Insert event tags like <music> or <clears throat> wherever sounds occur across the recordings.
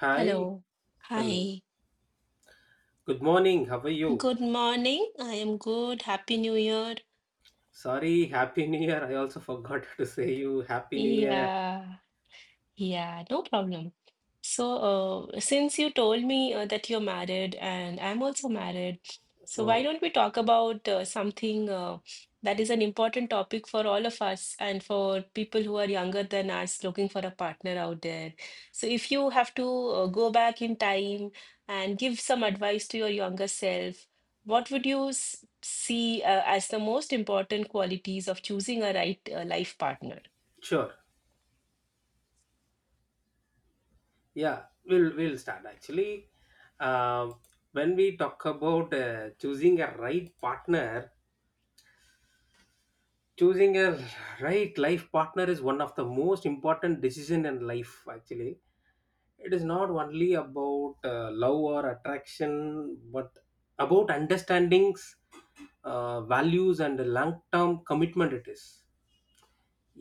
Hi, Hello. hello. Hi. Good morning. How are you? Good morning. I am good. Happy New Year. Sorry, Happy New Year. I also forgot <laughs> to say you Happy New Year. Yeah. Yeah, no problem. So, since you told me that you're married and I'm also married, so why Oh, don't we talk about something that is an important topic for all of us and for people who are younger than us looking for a partner out there? So, if you have to go back in time and give some advice to your younger self, what would you s see as the most important qualities of choosing a right life partner? sure. Yeah, we'll start actually. Um, when we talk about choosing a right partner, choosing a right life partner is one of the most important decision in life actually. It is not only about love or attraction, but about understandings, values and the long-term commitment. It is,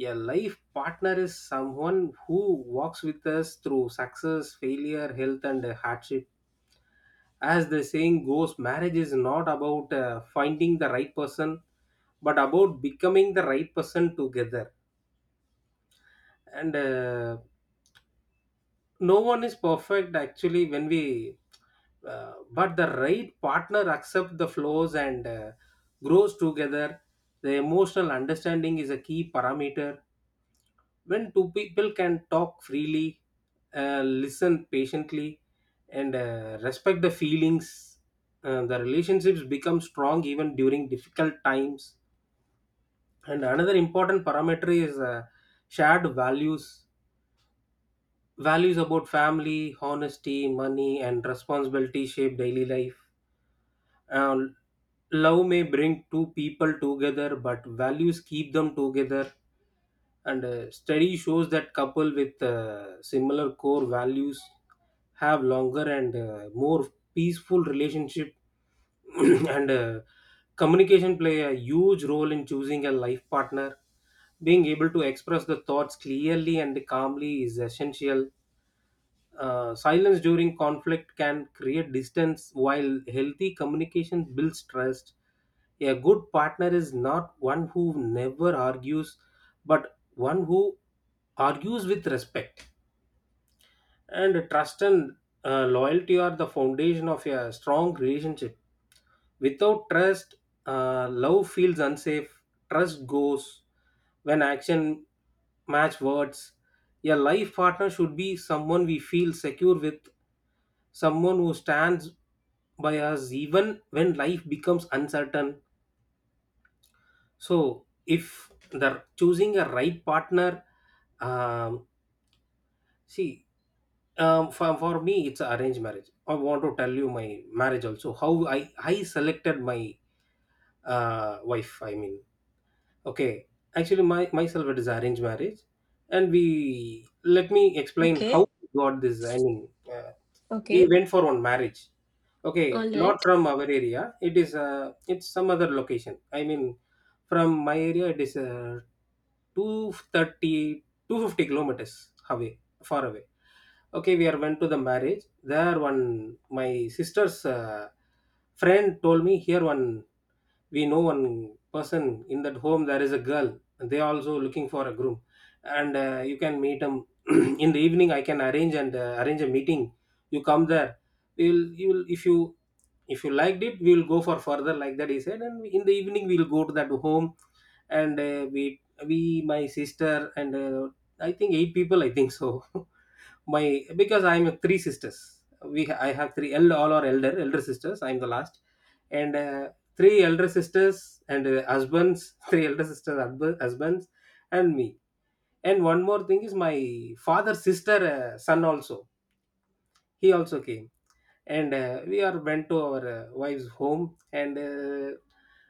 a life partner is someone who walks with us through success, failure, health and hardship. As the saying goes, marriage is not about finding the right person, but about becoming the right person together. And No one is perfect actually. When we but the right partner accept the flaws and grows together. The emotional understanding is a key parameter. When two people can talk freely, listen patiently, and respect the feelings, the relationships become strong even during difficult times. And another important parameter is, shared values. Values about family, honesty, money, and responsibility shape daily life. And love may bring two people together, but values keep them together. And study shows that couple with similar core values have longer and more peaceful relationship. <clears throat> and communication play a huge role in choosing a life partner. Being able to express the thoughts clearly and calmly is essential. Silence during conflict can create distance, while healthy communication builds trust. A good partner is not one who never argues, but one who argues with respect. And trust and loyalty are the foundation of a strong relationship. Without trust, love feels unsafe. Trust goes when action match words. A life partner should be someone we feel secure with, someone who stands by us even when life becomes uncertain. So if the choosing a right partner, um, see, for me it's arranged marriage. I want to tell you my marriage also, how I selected my wife, I mean. Okay, actually my myself it is arranged marriage. And we, let me explain how Okay, we got this, I mean. We okay, went for one marriage, okay, all not right. from our area. It is it's some other location, I mean. From my area it is 230 kilometers away, far away. Okay, we are went to the marriage. There one, my sister's friend told me, here one, we know one person in that home. There is a girl and they are also looking for a groom, and you can meet them. <clears throat> In the evening I can arrange, and arrange a meeting. You come there, we'll, you will, if you, if you liked it, we will go for further, like that he said. And in the evening we will go to that home. And we, my sister and I think eight people, I think so. <laughs> My, because I'm a three sisters, I have all our elder sisters, I'm the last. And three elder sisters and husbands. <laughs> Three elder sisters husbands and me. And one more thing is my father's sister, son also. He also came. And we are went to our wife's home. And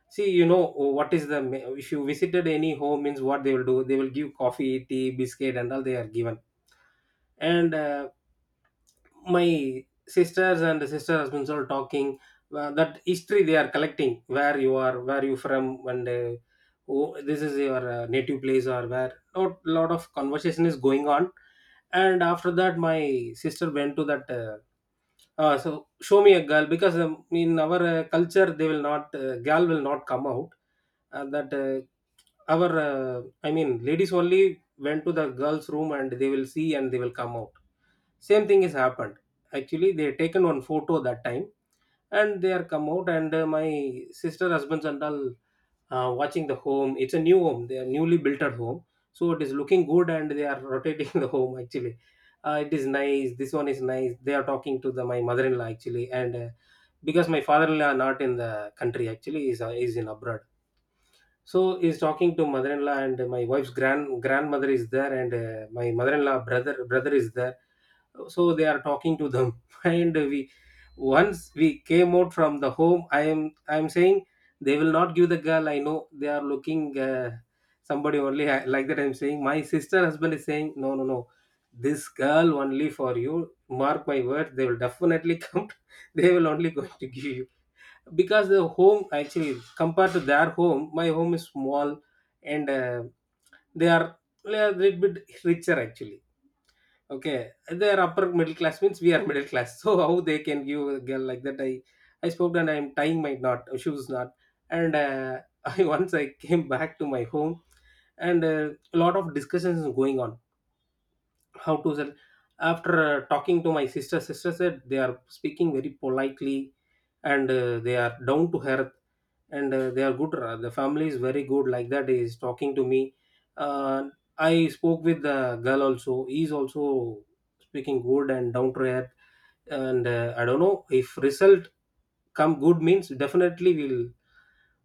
see, you know, what is the, if you visited any home means, what they will do, they will give coffee, tea, biscuit and all, they are given. And my sisters and sister husbands are talking, that history they are collecting, where you are, where you from, and oh, this is your native place or where, lot of conversation is going on. And after that my sister went to that so show me a girl, because in our culture they will not girl will not come out. That our I mean, ladies only went to the girls' room, and they will see and they will come out. Same thing has happened. Actually, they taken one photo that time, and they are come out. And my sister husbands and all watching the home. It's a new home. They are newly built at home, so it is looking good, and they are rotating <laughs> the home actually. It is nice, this one is nice. They are talking to the my mother-in-law actually. And because my father-in-law not in the country actually, is in abroad. So he's talking to mother-in-law, and my wife's grandmother is there. And my mother-in-law brother is there. So they are talking to them. <laughs> And we, once we came out from the home, I am saying, they will not give the girl, I know, they are looking somebody only, I, like that I'm saying. My sister husband is saying, no no no, this girl only for you, mark my words, they will definitely <laughs> come, they will only going to give you. Because the home actually, compared to their home my home is small, and they are, they are a little bit richer actually. Okay, they are upper middle class means, we are middle class. <laughs> So how they can give a girl, like that I spoke, and I'm tying my knot, <laughs> shoes knot. And <laughs> I, once I came back to my home, and a lot of discussions is going on, how to sell. After talking to my sister, sister said they are speaking very politely, and they are down to earth. And they are good, the family is very good, like that is talking to me. uh, I spoke with the girl also. He is also speaking good and down to earth. And I don't know, if result come good means, definitely we'll,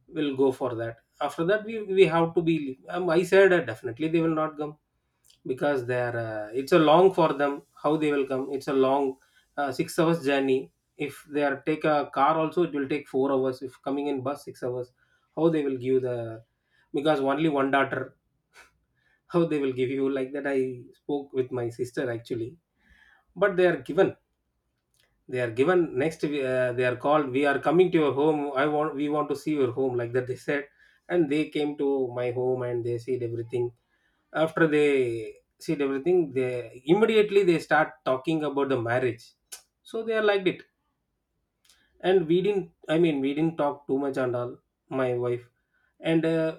will go for that. After that we have to be, I said, definitely they will not come, because they are it's a long for them, how they will come, it's a long 6 hours journey. If they are take a car also, it will take 4 hours, if coming in bus 6 hours. How they will give the, because only one daughter, how they will give you, like that I spoke with my sister actually. But they are given, they are given next they are called, we are coming to your home, I want we want to see your home, like that they said. And they came to my home and they said everything. After they said everything, they immediately they start talking about the marriage. So they are liked it. And we didn't, I mean we didn't talk too much and all, my wife. And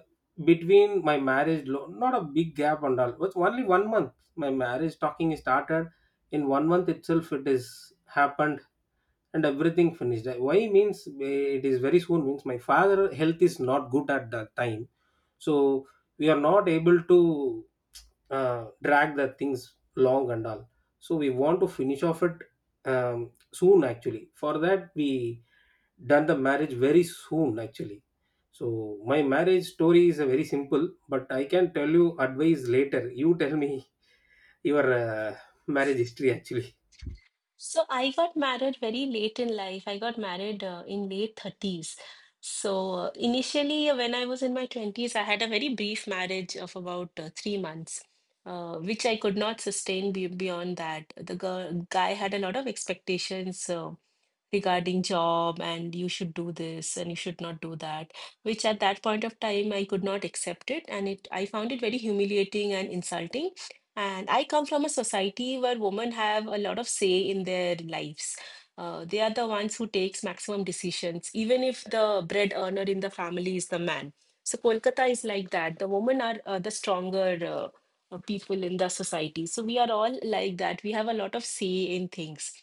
between my marriage not a big gap and all, but only 1 month my marriage talking is started. In 1 month itself it is happened. And everything finished. Why means, eh, it is very soon means, my father health is not good at that time. So we are not able to drag the things long and all. So we want to finish off it soon actually. For that we done the marriage very soon actually. So my marriage story is a very simple, but I can tell you advice later. You tell me <laughs> your marriage history actually. So I got married very late in life. I got married in late 30s. So initially, when I was in my 20s, I had a very brief marriage of about 3 months, which I could not sustain be beyond that. The girl, guy had a lot of expectations, regarding job and you should do this and you should not do that, which at that point of time I could not accept it, and it I found it very humiliating and insulting. And I come from a society where women have a lot of say in their lives. They are the ones who takes maximum decisions even if the bread earner in the family is the man. So Kolkata is like that. The women are the stronger uh, people in the society, so we are all like that. We have a lot of say in things.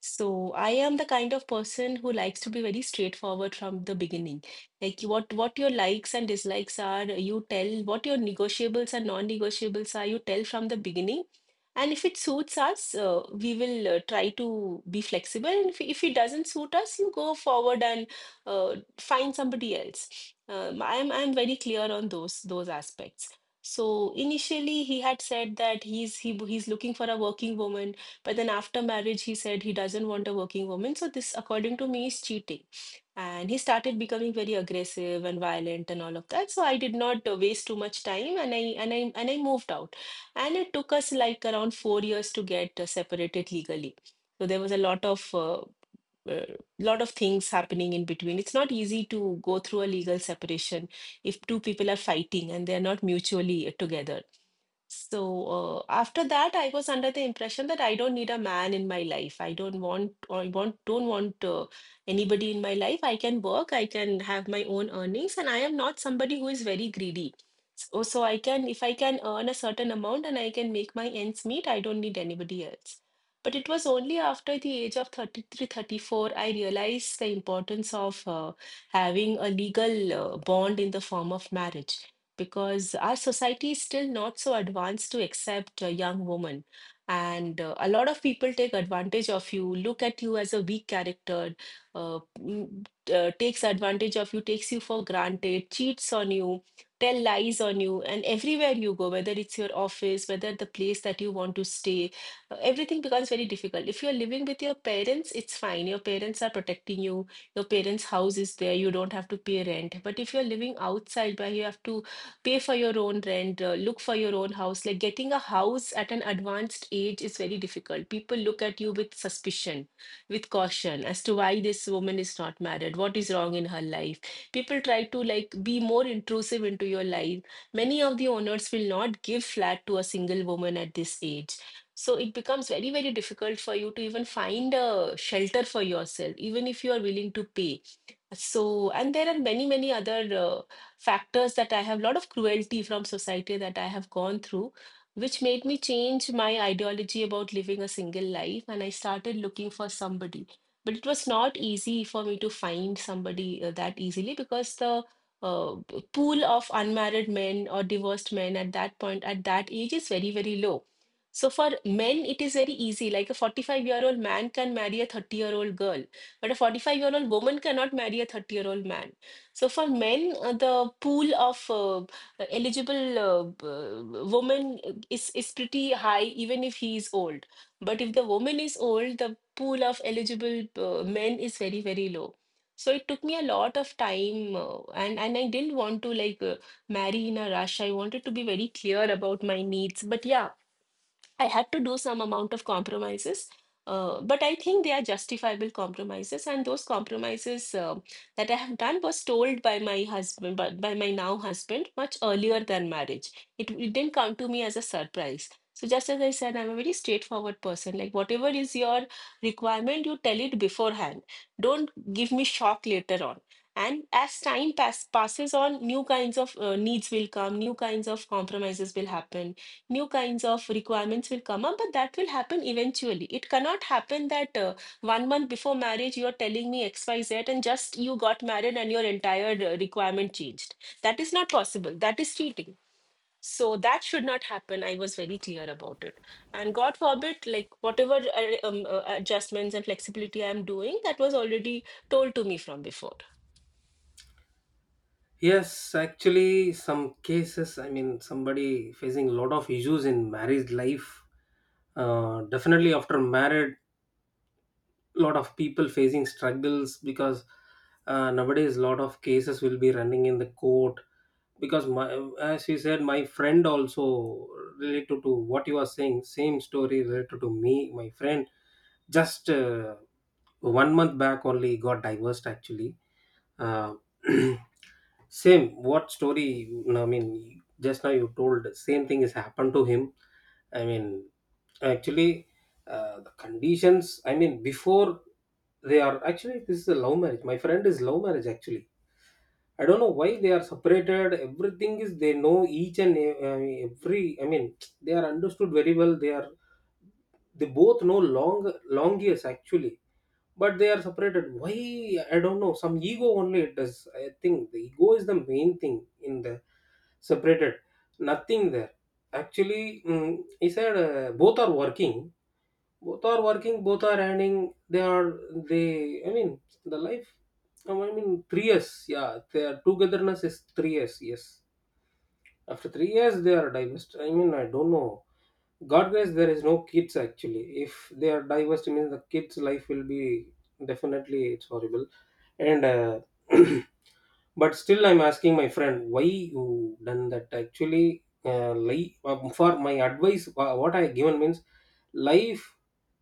So I am the kind of person who likes to be very straightforward from the beginning. Like what your likes and dislikes are, you tell what your negotiables and non-negotiables are, you tell from the beginning. And if it suits us, we will try to be flexible. And if it doesn't suit us, you go forward and find somebody else. I'm very clear on those aspects. So initially, he had said that he's looking for a working woman, but then after marriage, he said he doesn't want a working woman. So this, according to me, is cheating. And he started becoming very aggressive and violent and all of that. So I did not waste too much time, and I moved out. And it took us like around 4 years to get separated legally. So there was a lot of things happening in between. It's not easy to go through a legal separation if two people are fighting and they're not mutually together. So, after that, I was under the impression that I don't need a man in my life. I don't want anybody in my life. I can work, I can have my own earnings, and I am not somebody who is very greedy. So, if I can earn a certain amount and I can make my ends meet, I don't need anybody else. But it was only after the age of 33, 34, I realized the importance of having a legal bond in the form of marriage, because our society is still not so advanced to accept a young woman. And a lot of people take advantage of you, look at you as a weak character, uh, mm, takes advantage of you, takes you for granted, cheats on you, tell lies on you. And everywhere you go, whether it's your office, whether the place that you want to stay, everything becomes very difficult. If you're living with your parents, it's fine. Your parents are protecting you. Your parents' house is there. You don't have to pay rent. But if you're living outside where you have to pay for your own rent, look for your own house, like getting a house at an advanced age is very difficult. People look at you with suspicion, with caution as to why this woman is not married, what is wrong in her life. People try to like be more intrusive into your life. Many of the owners will not give flat to a single woman at this age, so it becomes very, very difficult for you to even find a shelter for yourself, even if you are willing to pay. So, and there are many, many other factors that I have, lot of cruelty from society that I have gone through, which made me change my ideology about living a single life. And I started looking for somebody. But it was not easy for me to find somebody that easily, because the pool of unmarried men or divorced men at that point, at that age, is very, very low. So for men, it is very easy. Like a 45-year-old man can marry a 30-year-old girl, but a 45-year-old woman cannot marry a 30-year-old man. So for men, the pool of eligible woman is pretty high, even if he is old. But if the woman is old, the pool of eligible men is very, very low. So it took me a lot of time, and I didn't want to like marry in a rush. I wanted to be very clear about my needs. But yeah, I had to do some amount of compromises, but I think they are justifiable compromises. And those compromises that I have done was told by my husband, by my now husband, much earlier than marriage. It didn't come to me as a surprise. So, just as I said, I'm a very straightforward person. Like, whatever is your requirement, you tell it beforehand. Don't give me shock later on. And as time passes on, new kinds of needs will come, new kinds of compromises will happen, new kinds of requirements will come up, but that will happen eventually. It cannot happen that one month before marriage, you're telling me XYZ and just you got married and your entire requirement changed. That is not possible. That is cheating. So that should not happen. I was very clear about it. And God forbid, like whatever adjustments and flexibility I'm doing, that was already told to me from before. Yes, actually some cases, I mean somebody facing a lot of issues in marriage life, definitely after married lot of people facing struggles. Because nowadays a lot of cases will be running in the court. Because my, as you said, my friend also related to what you are saying, same story related to me, my friend just 1 month back only got divorced actually. uh, <clears throat> same what story, I mean just now you told, same thing has happened to him, I mean. Actually the conditions I mean before, they are actually, this is a love marriage, my friend is love marriage actually. I don't know why they are separated. Everything is they know each and every, I mean they are understood very well, they are, they both know long years actually. But they are separated why, I don't know. Some ego only it does. I think the ego is the main thing in the separated, nothing there actually. Mm, he said both are working, both are working, both are earning. They are, they, I mean the life, I mean 3 years, yeah their togetherness is 3 years. Yes, after 3 years, they are divorced. I mean, I don't know. God grace, there is no kids actually. If they are divorced, it means the kids' life will be definitely it's horrible. And <clears throat> but still, I'm asking my friend why you done that. Actually, for my advice, what I given means life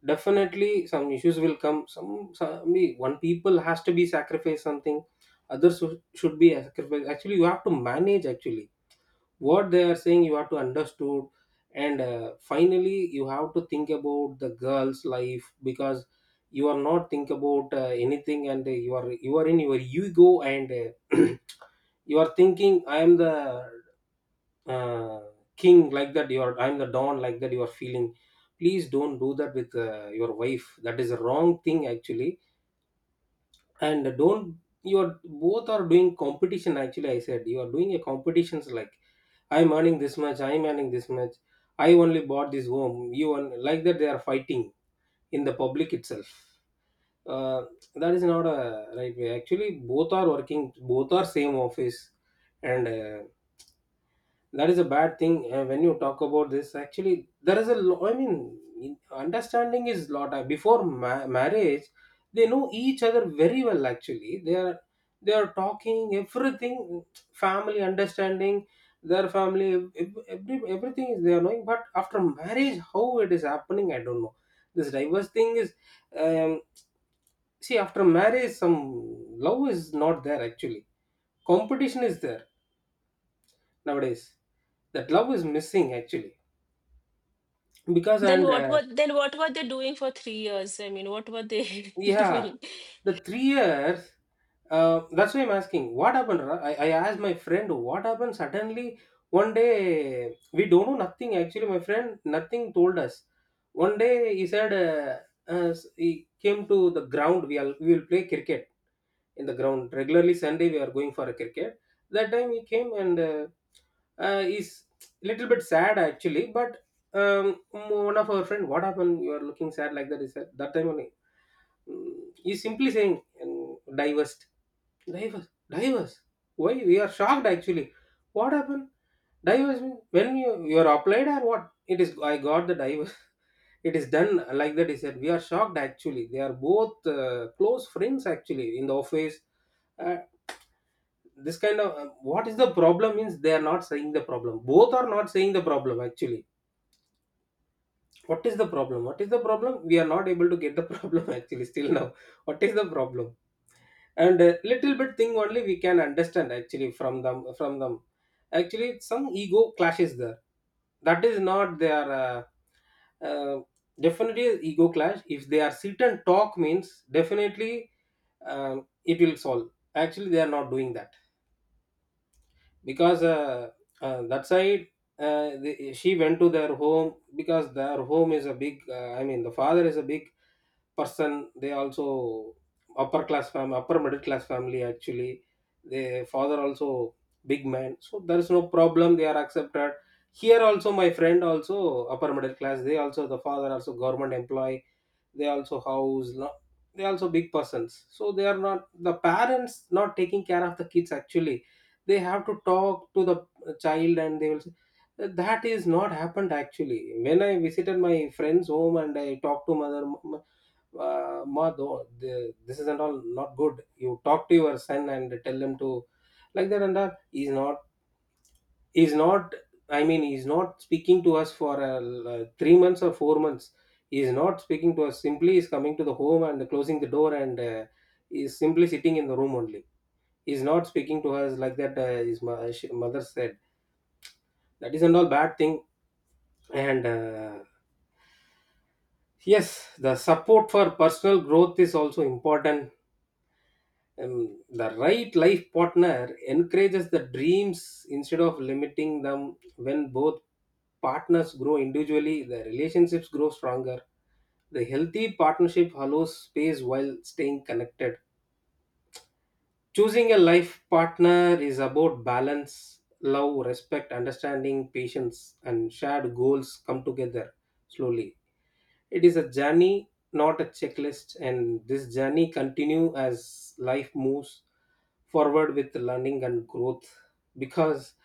definitely some issues will come. One people has to be sacrificed something, others should be sacrificed. Actually, you have to manage actually what they are saying you have to understood. And finally you have to think about the girl's life because you are not think about anything. And you are in your ego and <clears throat> you are thinking I am the uh, king, like that. You are I am the don, like that you are feeling. Please don't do that with your wife, that is a wrong thing actually. And don't you are both are doing competition. Actually, I said you are doing a competitions like, I'm earning this much, I'm earning this much, I only bought this home, you on, like that they are fighting in the public itself. Uh, that is not a right way. Actually, both are working, both are same office, and that is a bad thing. When you talk about this, actually there is a I mean understanding is lot. Before marriage they know each other very well actually. They are, they are talking everything, family understanding, their family everything is they are knowing, but after marriage how it is happening I don't know. This diverse thing is, um, see, after marriage some love is not there actually, competition is there nowadays. That love is missing actually, because Then and what were then what were they doing for 3 years? I mean, what were they <laughs> yeah doing? the 3 years. That's why I'm asking what happened I asked my friend what happened suddenly. One day we don't know nothing actually, my friend nothing told us. One day he said, he came to the ground, we all we will play cricket in the ground regularly. Sunday we are going for a cricket. That time he came and is little bit sad actually, but um, one of our friend, what happened, you are looking sad, like that he said. That time only, mm, he's simply saying, um, diverse. Divers, divers. Why we are shocked actually? What happened? Divers mean when you are applied, or what? It is I got the divers. <laughs> It is done, like that he said. We are shocked actually. They are both close friends actually in the office. Uh, this kind of what is the problem means they are not saying the problem. Both are not saying the problem actually. What is the problem? What is the problem? We are not able to get the <laughs> problem actually still now. What is the problem? And a little bit thing only we can understand actually from them, from them. Actually some ego clashes there, that is not their uh, definitely ego clash. If they are sit and talk means definitely it will solve. Actually they are not doing that, because that side, she went to their home because their home is a big, I mean the father is a big person. They also upper class family, upper middle class family actually. Their father also big man, so there is no problem, they are accepted. Here also my friend, also upper middle class. They also the father also government employee. They also they also big persons, so they are not, the parents not taking care of the kids actually. They have to talk to the child and they will say, that is not happened actually. When I visited my friend's home and I talked to mother, ma though, the, this isn't all not good, you talk to your son and tell him to, like that. And that he's not, he's not, I mean he's not speaking to us for like, 3 months or 4 months. He's not speaking to us, simply he's coming to the home and closing the door, and he's simply sitting in the room only. He's not speaking to us, like that, mother said. That isn't all bad thing. And yes, the support for personal growth is also important. And the right life partner encourages the dreams instead of limiting them. When both partners grow individually, the relationships grow stronger. The healthy partnership allows space while staying connected. Choosing a life partner is about balance. Love, respect, understanding, patience, and shared goals come together slowly. It is a journey, not a checklist, and this journey continue as life moves forward with learning and growth. Because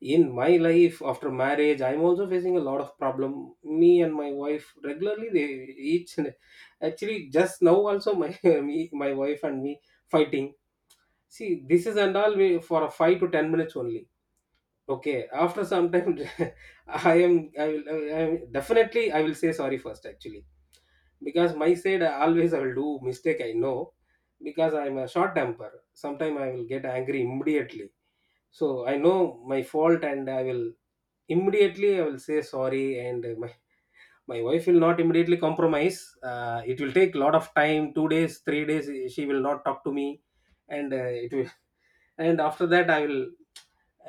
in my life after marriage, I'm also facing a lot of problem. Me and my wife regularly they each and actually just now also my <laughs> me my wife and me fighting. See, this is and all we, for a 5 to 10 minutes only. Okay, after some time, <laughs> I am definitely I will say sorry first actually, because my side I always I will do mistake, I know, because I'm a short temper. Sometime I will get angry immediately, so I know my fault, and I will immediately I will say sorry. And my wife will not immediately compromise. It will take a lot of time, 2 days, 3 days she will not talk to me. And it will <laughs> and after that I will,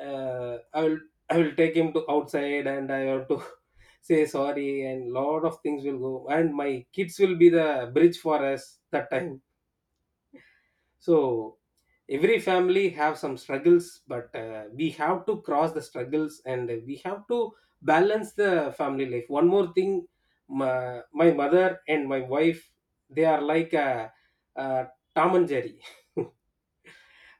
I will, I will take him to outside, and I have to <laughs> say sorry, and lot of things will go, and my kids will be the bridge for us that time. So every family have some struggles, but we have to cross the struggles and we have to balance the family life. One more thing, my mother and my wife, they are like a Tom and Jerry. <laughs>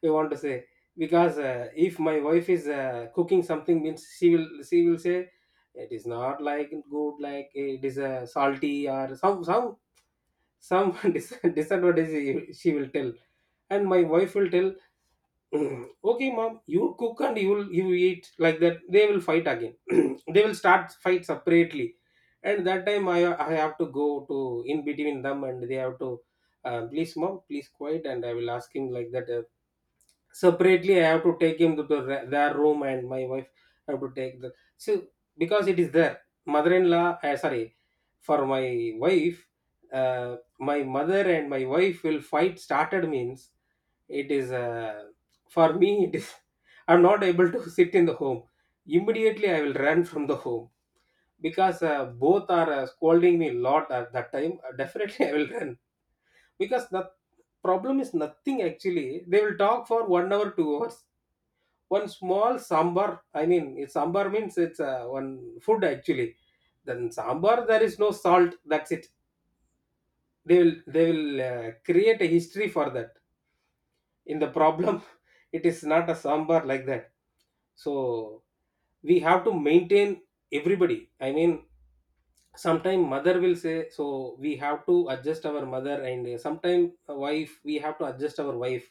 We want to say, because if my wife is cooking something means she will say it is not like good, like it is salty or some <laughs> disadvantage she will tell. And my wife will tell, <clears throat> "Mm, okay mom, you cook and you eat," like that. They will fight again, <clears throat> they will start fight separately. And that time I have to go to in between them, and they have to, please mom, please quiet, and I will ask him, like that. Separately I have to take him to the, their room, and my wife have to take the. So because it is there, mother-in-law, sorry, for my wife, my mother and my wife will fight started means it is for me, it is <laughs> I'm not able to sit in the home. Immediately I will run from the home, because both are scolding me a lot at that time. Definitely <laughs> I will run, because the problem is nothing actually. They will talk for 1 hour, 2 hours, one small sambar. I mean it's sambar means it's one food actually. Then sambar there is no salt, that's it. They will create a history for that in the problem. <laughs> It is not a sambar, like that. So we have to maintain everybody. I mean, sometimes mother will say, so we have to adjust our mother, and sometimes wife, we have to adjust our wife.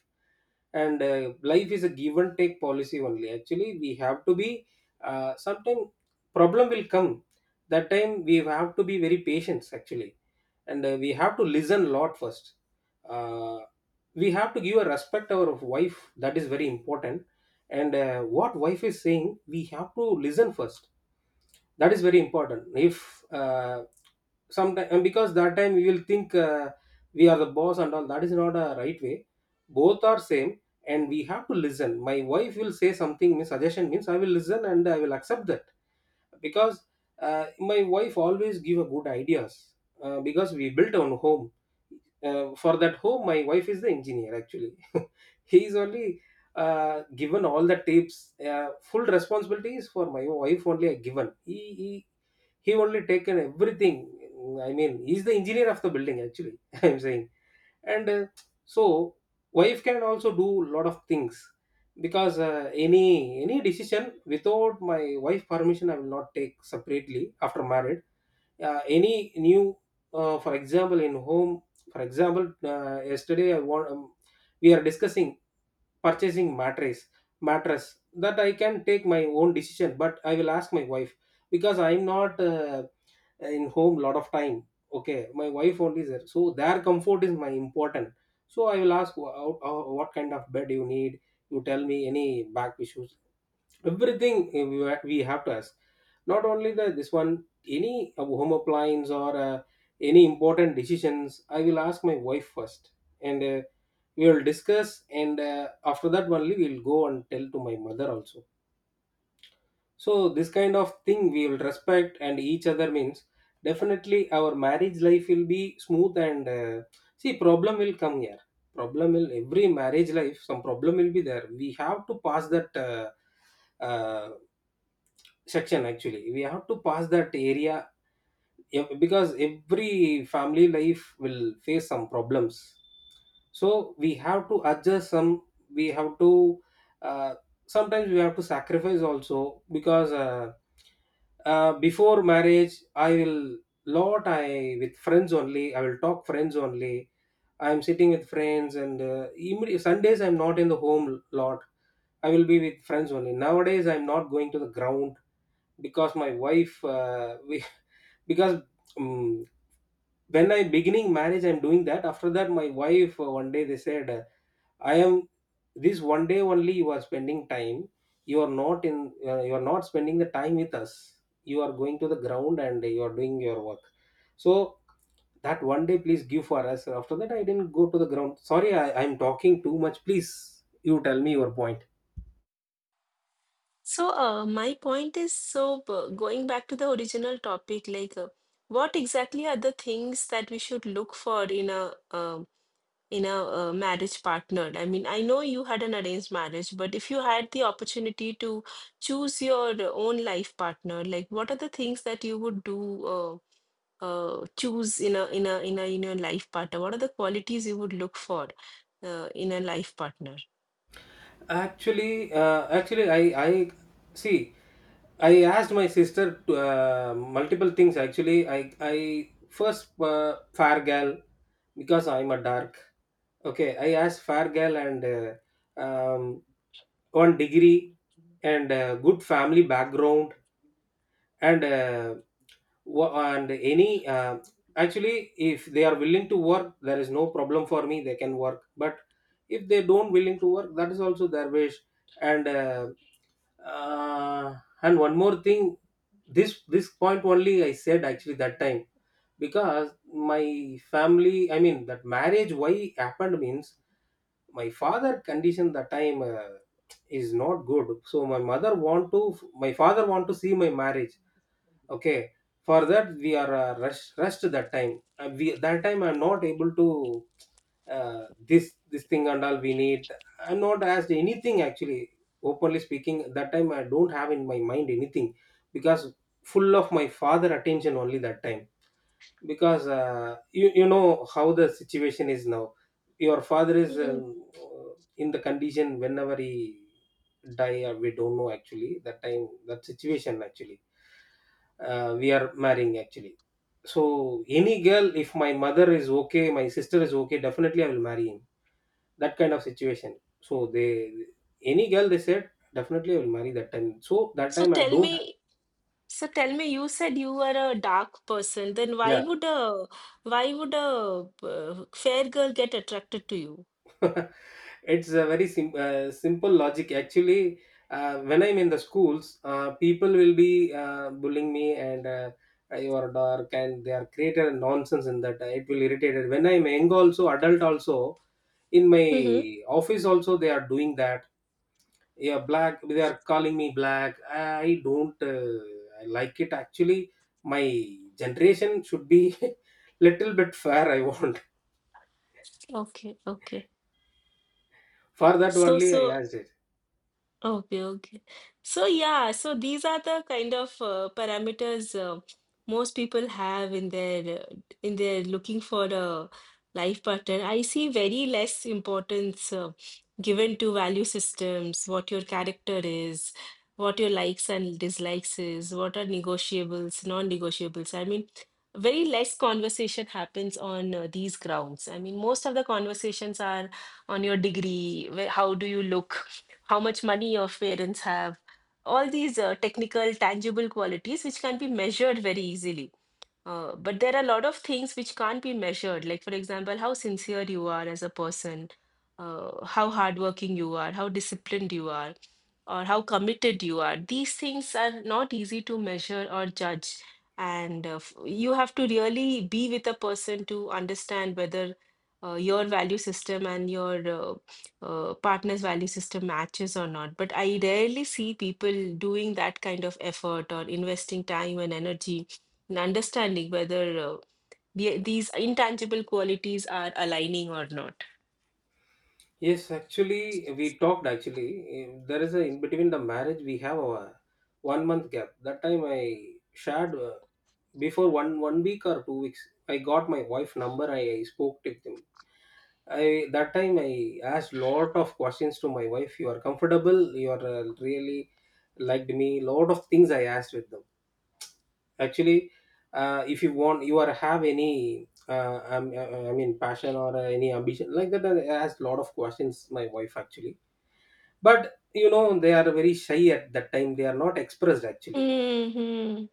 And life is a give and take policy only actually. We have to be sometime problem will come. That time we have to be very patient actually. And we have to listen a lot first. uh, we have to give a respect our wife, that is very important. And what wife is saying we have to listen first, that is very important. If sometime, and because that time we will think we are the boss and all, that is not a right way. Both are same, and we have to listen. My wife will say something means suggestion means I will listen and I will accept that, because my wife always give a good ideas. Because we built our home, for that home my wife is the engineer actually. <laughs> He is only given all the tips. Full responsibilities for my wife only are given. He only taken everything. I mean he's the engineer of the building actually. <laughs> I'm saying. And so wife can also do a lot of things, because any decision without my wife permission I will not take separately after married. Any new for example in home, for example, yesterday I want, we are discussing purchasing mattress. That I can take my own decision, but I will ask my wife, because I'm not in home lot of time. Okay, my wife only is there, so their comfort is my important. So I will ask, What kind of bed you need, you tell me, any back issues," everything. We have to ask not only the this one. Any home appliance or any important decisions, I will ask my wife first. And we will discuss, and after that only we will go and tell to my mother also. So this kind of thing, we will respect and each other means, definitely our marriage life will be smooth. And see, problem will come here. Problem will — every marriage life, some problem will be there. We have to pass that uh, section, actually. We have to pass that area. Because every family life will face some problems. So we have to adjust some. We have to uh, sometimes we have to sacrifice also, because before marriage I will — lot, I with friends only, I will talk friends only. I am sitting with friends, and Sundays I'm not in the home lot. I will be with friends only. Nowadays I'm not going to the ground because my wife, we <laughs> because um, when I beginning marriage I'm doing that. After that, my wife, one day they said, I am — this one day only you are spending time. You are not in. You are not spending the time with us. You are going to the ground and you are doing your work. So that one day, please give for us. After that, I didn't go to the ground. Sorry, I am talking too much. Please, you tell me your point. So, my point is, so going back to the original topic, like what exactly are the things that we should look for in a marriage partner? I mean, I know you had an arranged marriage, but if you had the opportunity to choose your own life partner, like what are the things that you would do choose in a in your life partner? What are the qualities you would look for in a life partner? Actually, I see. I asked my sister to, multiple things. Actually, I first, fair girl, because I'm a dark. Okay, I asked Fargal, and on degree, and good family background, and any, actually, if they are willing to work, there is no problem for me, they can work. But if they don't willing to work, that is also their wish. And uh, uh, and one more thing: this point only I said, actually, that time. Because my family, I mean, that marriage why happened means, my father condition that time is not good. So my mother want to — my father want to see my marriage. Okay. For that, we are rushed that time. We — that time I'm not able to this thing and all we need. I'm not asked anything, actually. Openly speaking, that time I don't have in my mind anything, because full of my father attention only that time. Because you know how the situation is now. Your father is Mm. In the condition, whenever he die or we don't know, actually. That time, that situation, actually, we are marrying, actually. So any girl, if my mother is okay, my sister is okay, definitely I will marry him. That kind of situation. So they — any girl they said, definitely I will marry that time. So that So time I tell don't have. me. So tell me, you said you were a dark person. Then Yeah. why would a fair girl get attracted to you? <laughs> It's a very simple logic, actually. When I'm in the schools, people will be bullying me, and you are dark, and they are created nonsense in that. It will irritate it. When I'm young also, adult also, in my Mm-hmm. office also, they are doing that. Yeah, black, they are calling me black. I don't like it, actually. My generation should be <laughs> little bit fair, I want. Okay, okay. For that So only I so asked. Okay, okay. So yeah, so these are the kind of parameters most people have in their looking for a life partner. I see very less importance given to value systems, what your character is, what your likes and dislikes is, what are negotiables, non-negotiables. I mean, very less conversation happens on these grounds. I mean, most of the conversations are on your degree, how do you look? How much money your parents have? All these technical tangible qualities which can be measured very easily, but there are a lot of things which can't be measured, like, for example, how sincere you are as a person, how hardworking you are, how disciplined you are, or how committed you are. These things are not easy to measure or judge. And you have to really be with a person to understand whether your value system and your partner's value system matches or not. But I rarely see people doing that kind of effort or investing time and energy and understanding whether these intangible qualities are aligning or not. Yes, actually, we talked. Actually, there is a — in between the marriage we have a one month gap. That time I shared. Before one week or 2 weeks, I got my wife number. I spoke with him. I That time I asked lot of questions to my wife. You are comfortable? You are really liked me? Lot of things I asked with them, actually. If you want, you are have any, I mean, passion or any ambition, like that, asked a lot of questions my wife, actually. But you know they are very shy at that time, they are not expressed, actually. Hmm.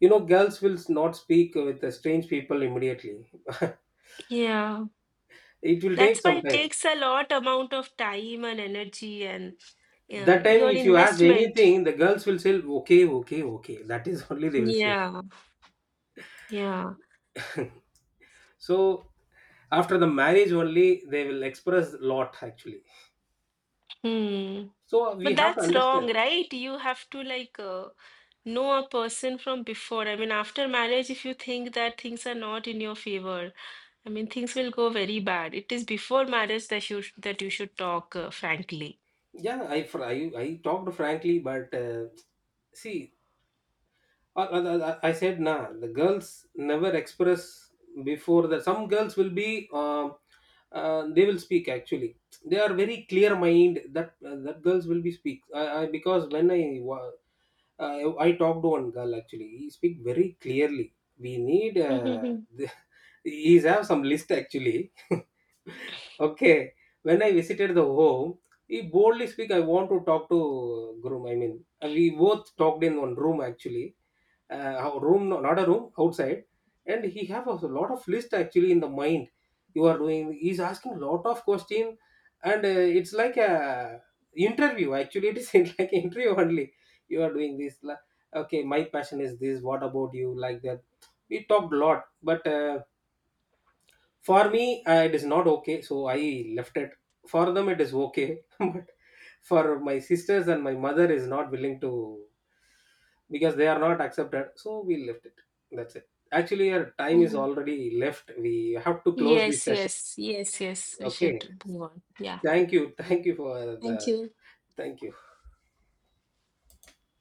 You know girls will not speak with the strange people immediately. <laughs> Yeah. It will take That's why some it time. takes a lot amount of time and energy and That time, your if you ask investment. anything, the girls will say, okay, okay, okay, that is <laughs> only they will say. Yeah. Yeah. <laughs> So after the marriage only, they will express lot, actually. Hmm. So we But have to that's wrong, understand. right? You have to like know a person from before. I mean, after marriage, if you think that things are not in your favor, I mean, things will go very bad. It is before marriage that you should talk, frankly. Yeah, I talked frankly, but see, I said, nah, the girls never express before that. Some girls will be, they will speak, actually. They are very clear mind, that girls will be speak. I Because I talked to one girl, actually. He speak very clearly. We need, <laughs> the, <laughs> he's have some list, actually. <laughs> Okay, when I visited the home, he boldly speak: I want to talk to, groom. I mean, and we both talked in one room, actually — how- room no- not a room, outside. And he have a lot of list, actually, in the mind. You are doing — he's asking lot of question. And it's like a interview, actually. It is <laughs> like an interview only. You are doing okay, my passion is this, what about you, like that. We talked a lot, but for me, it is not okay, so I left it. For them it is okay <laughs> but for my sisters and my mother is not willing to. Because they are not accepted, so we left it. That's it. Actually, our time is Yeah. already left. We have to close Yes, this session. yes, yes, yes. We Okay, should move on. Yeah. thank you. Thank you for Thank the — you. thank you.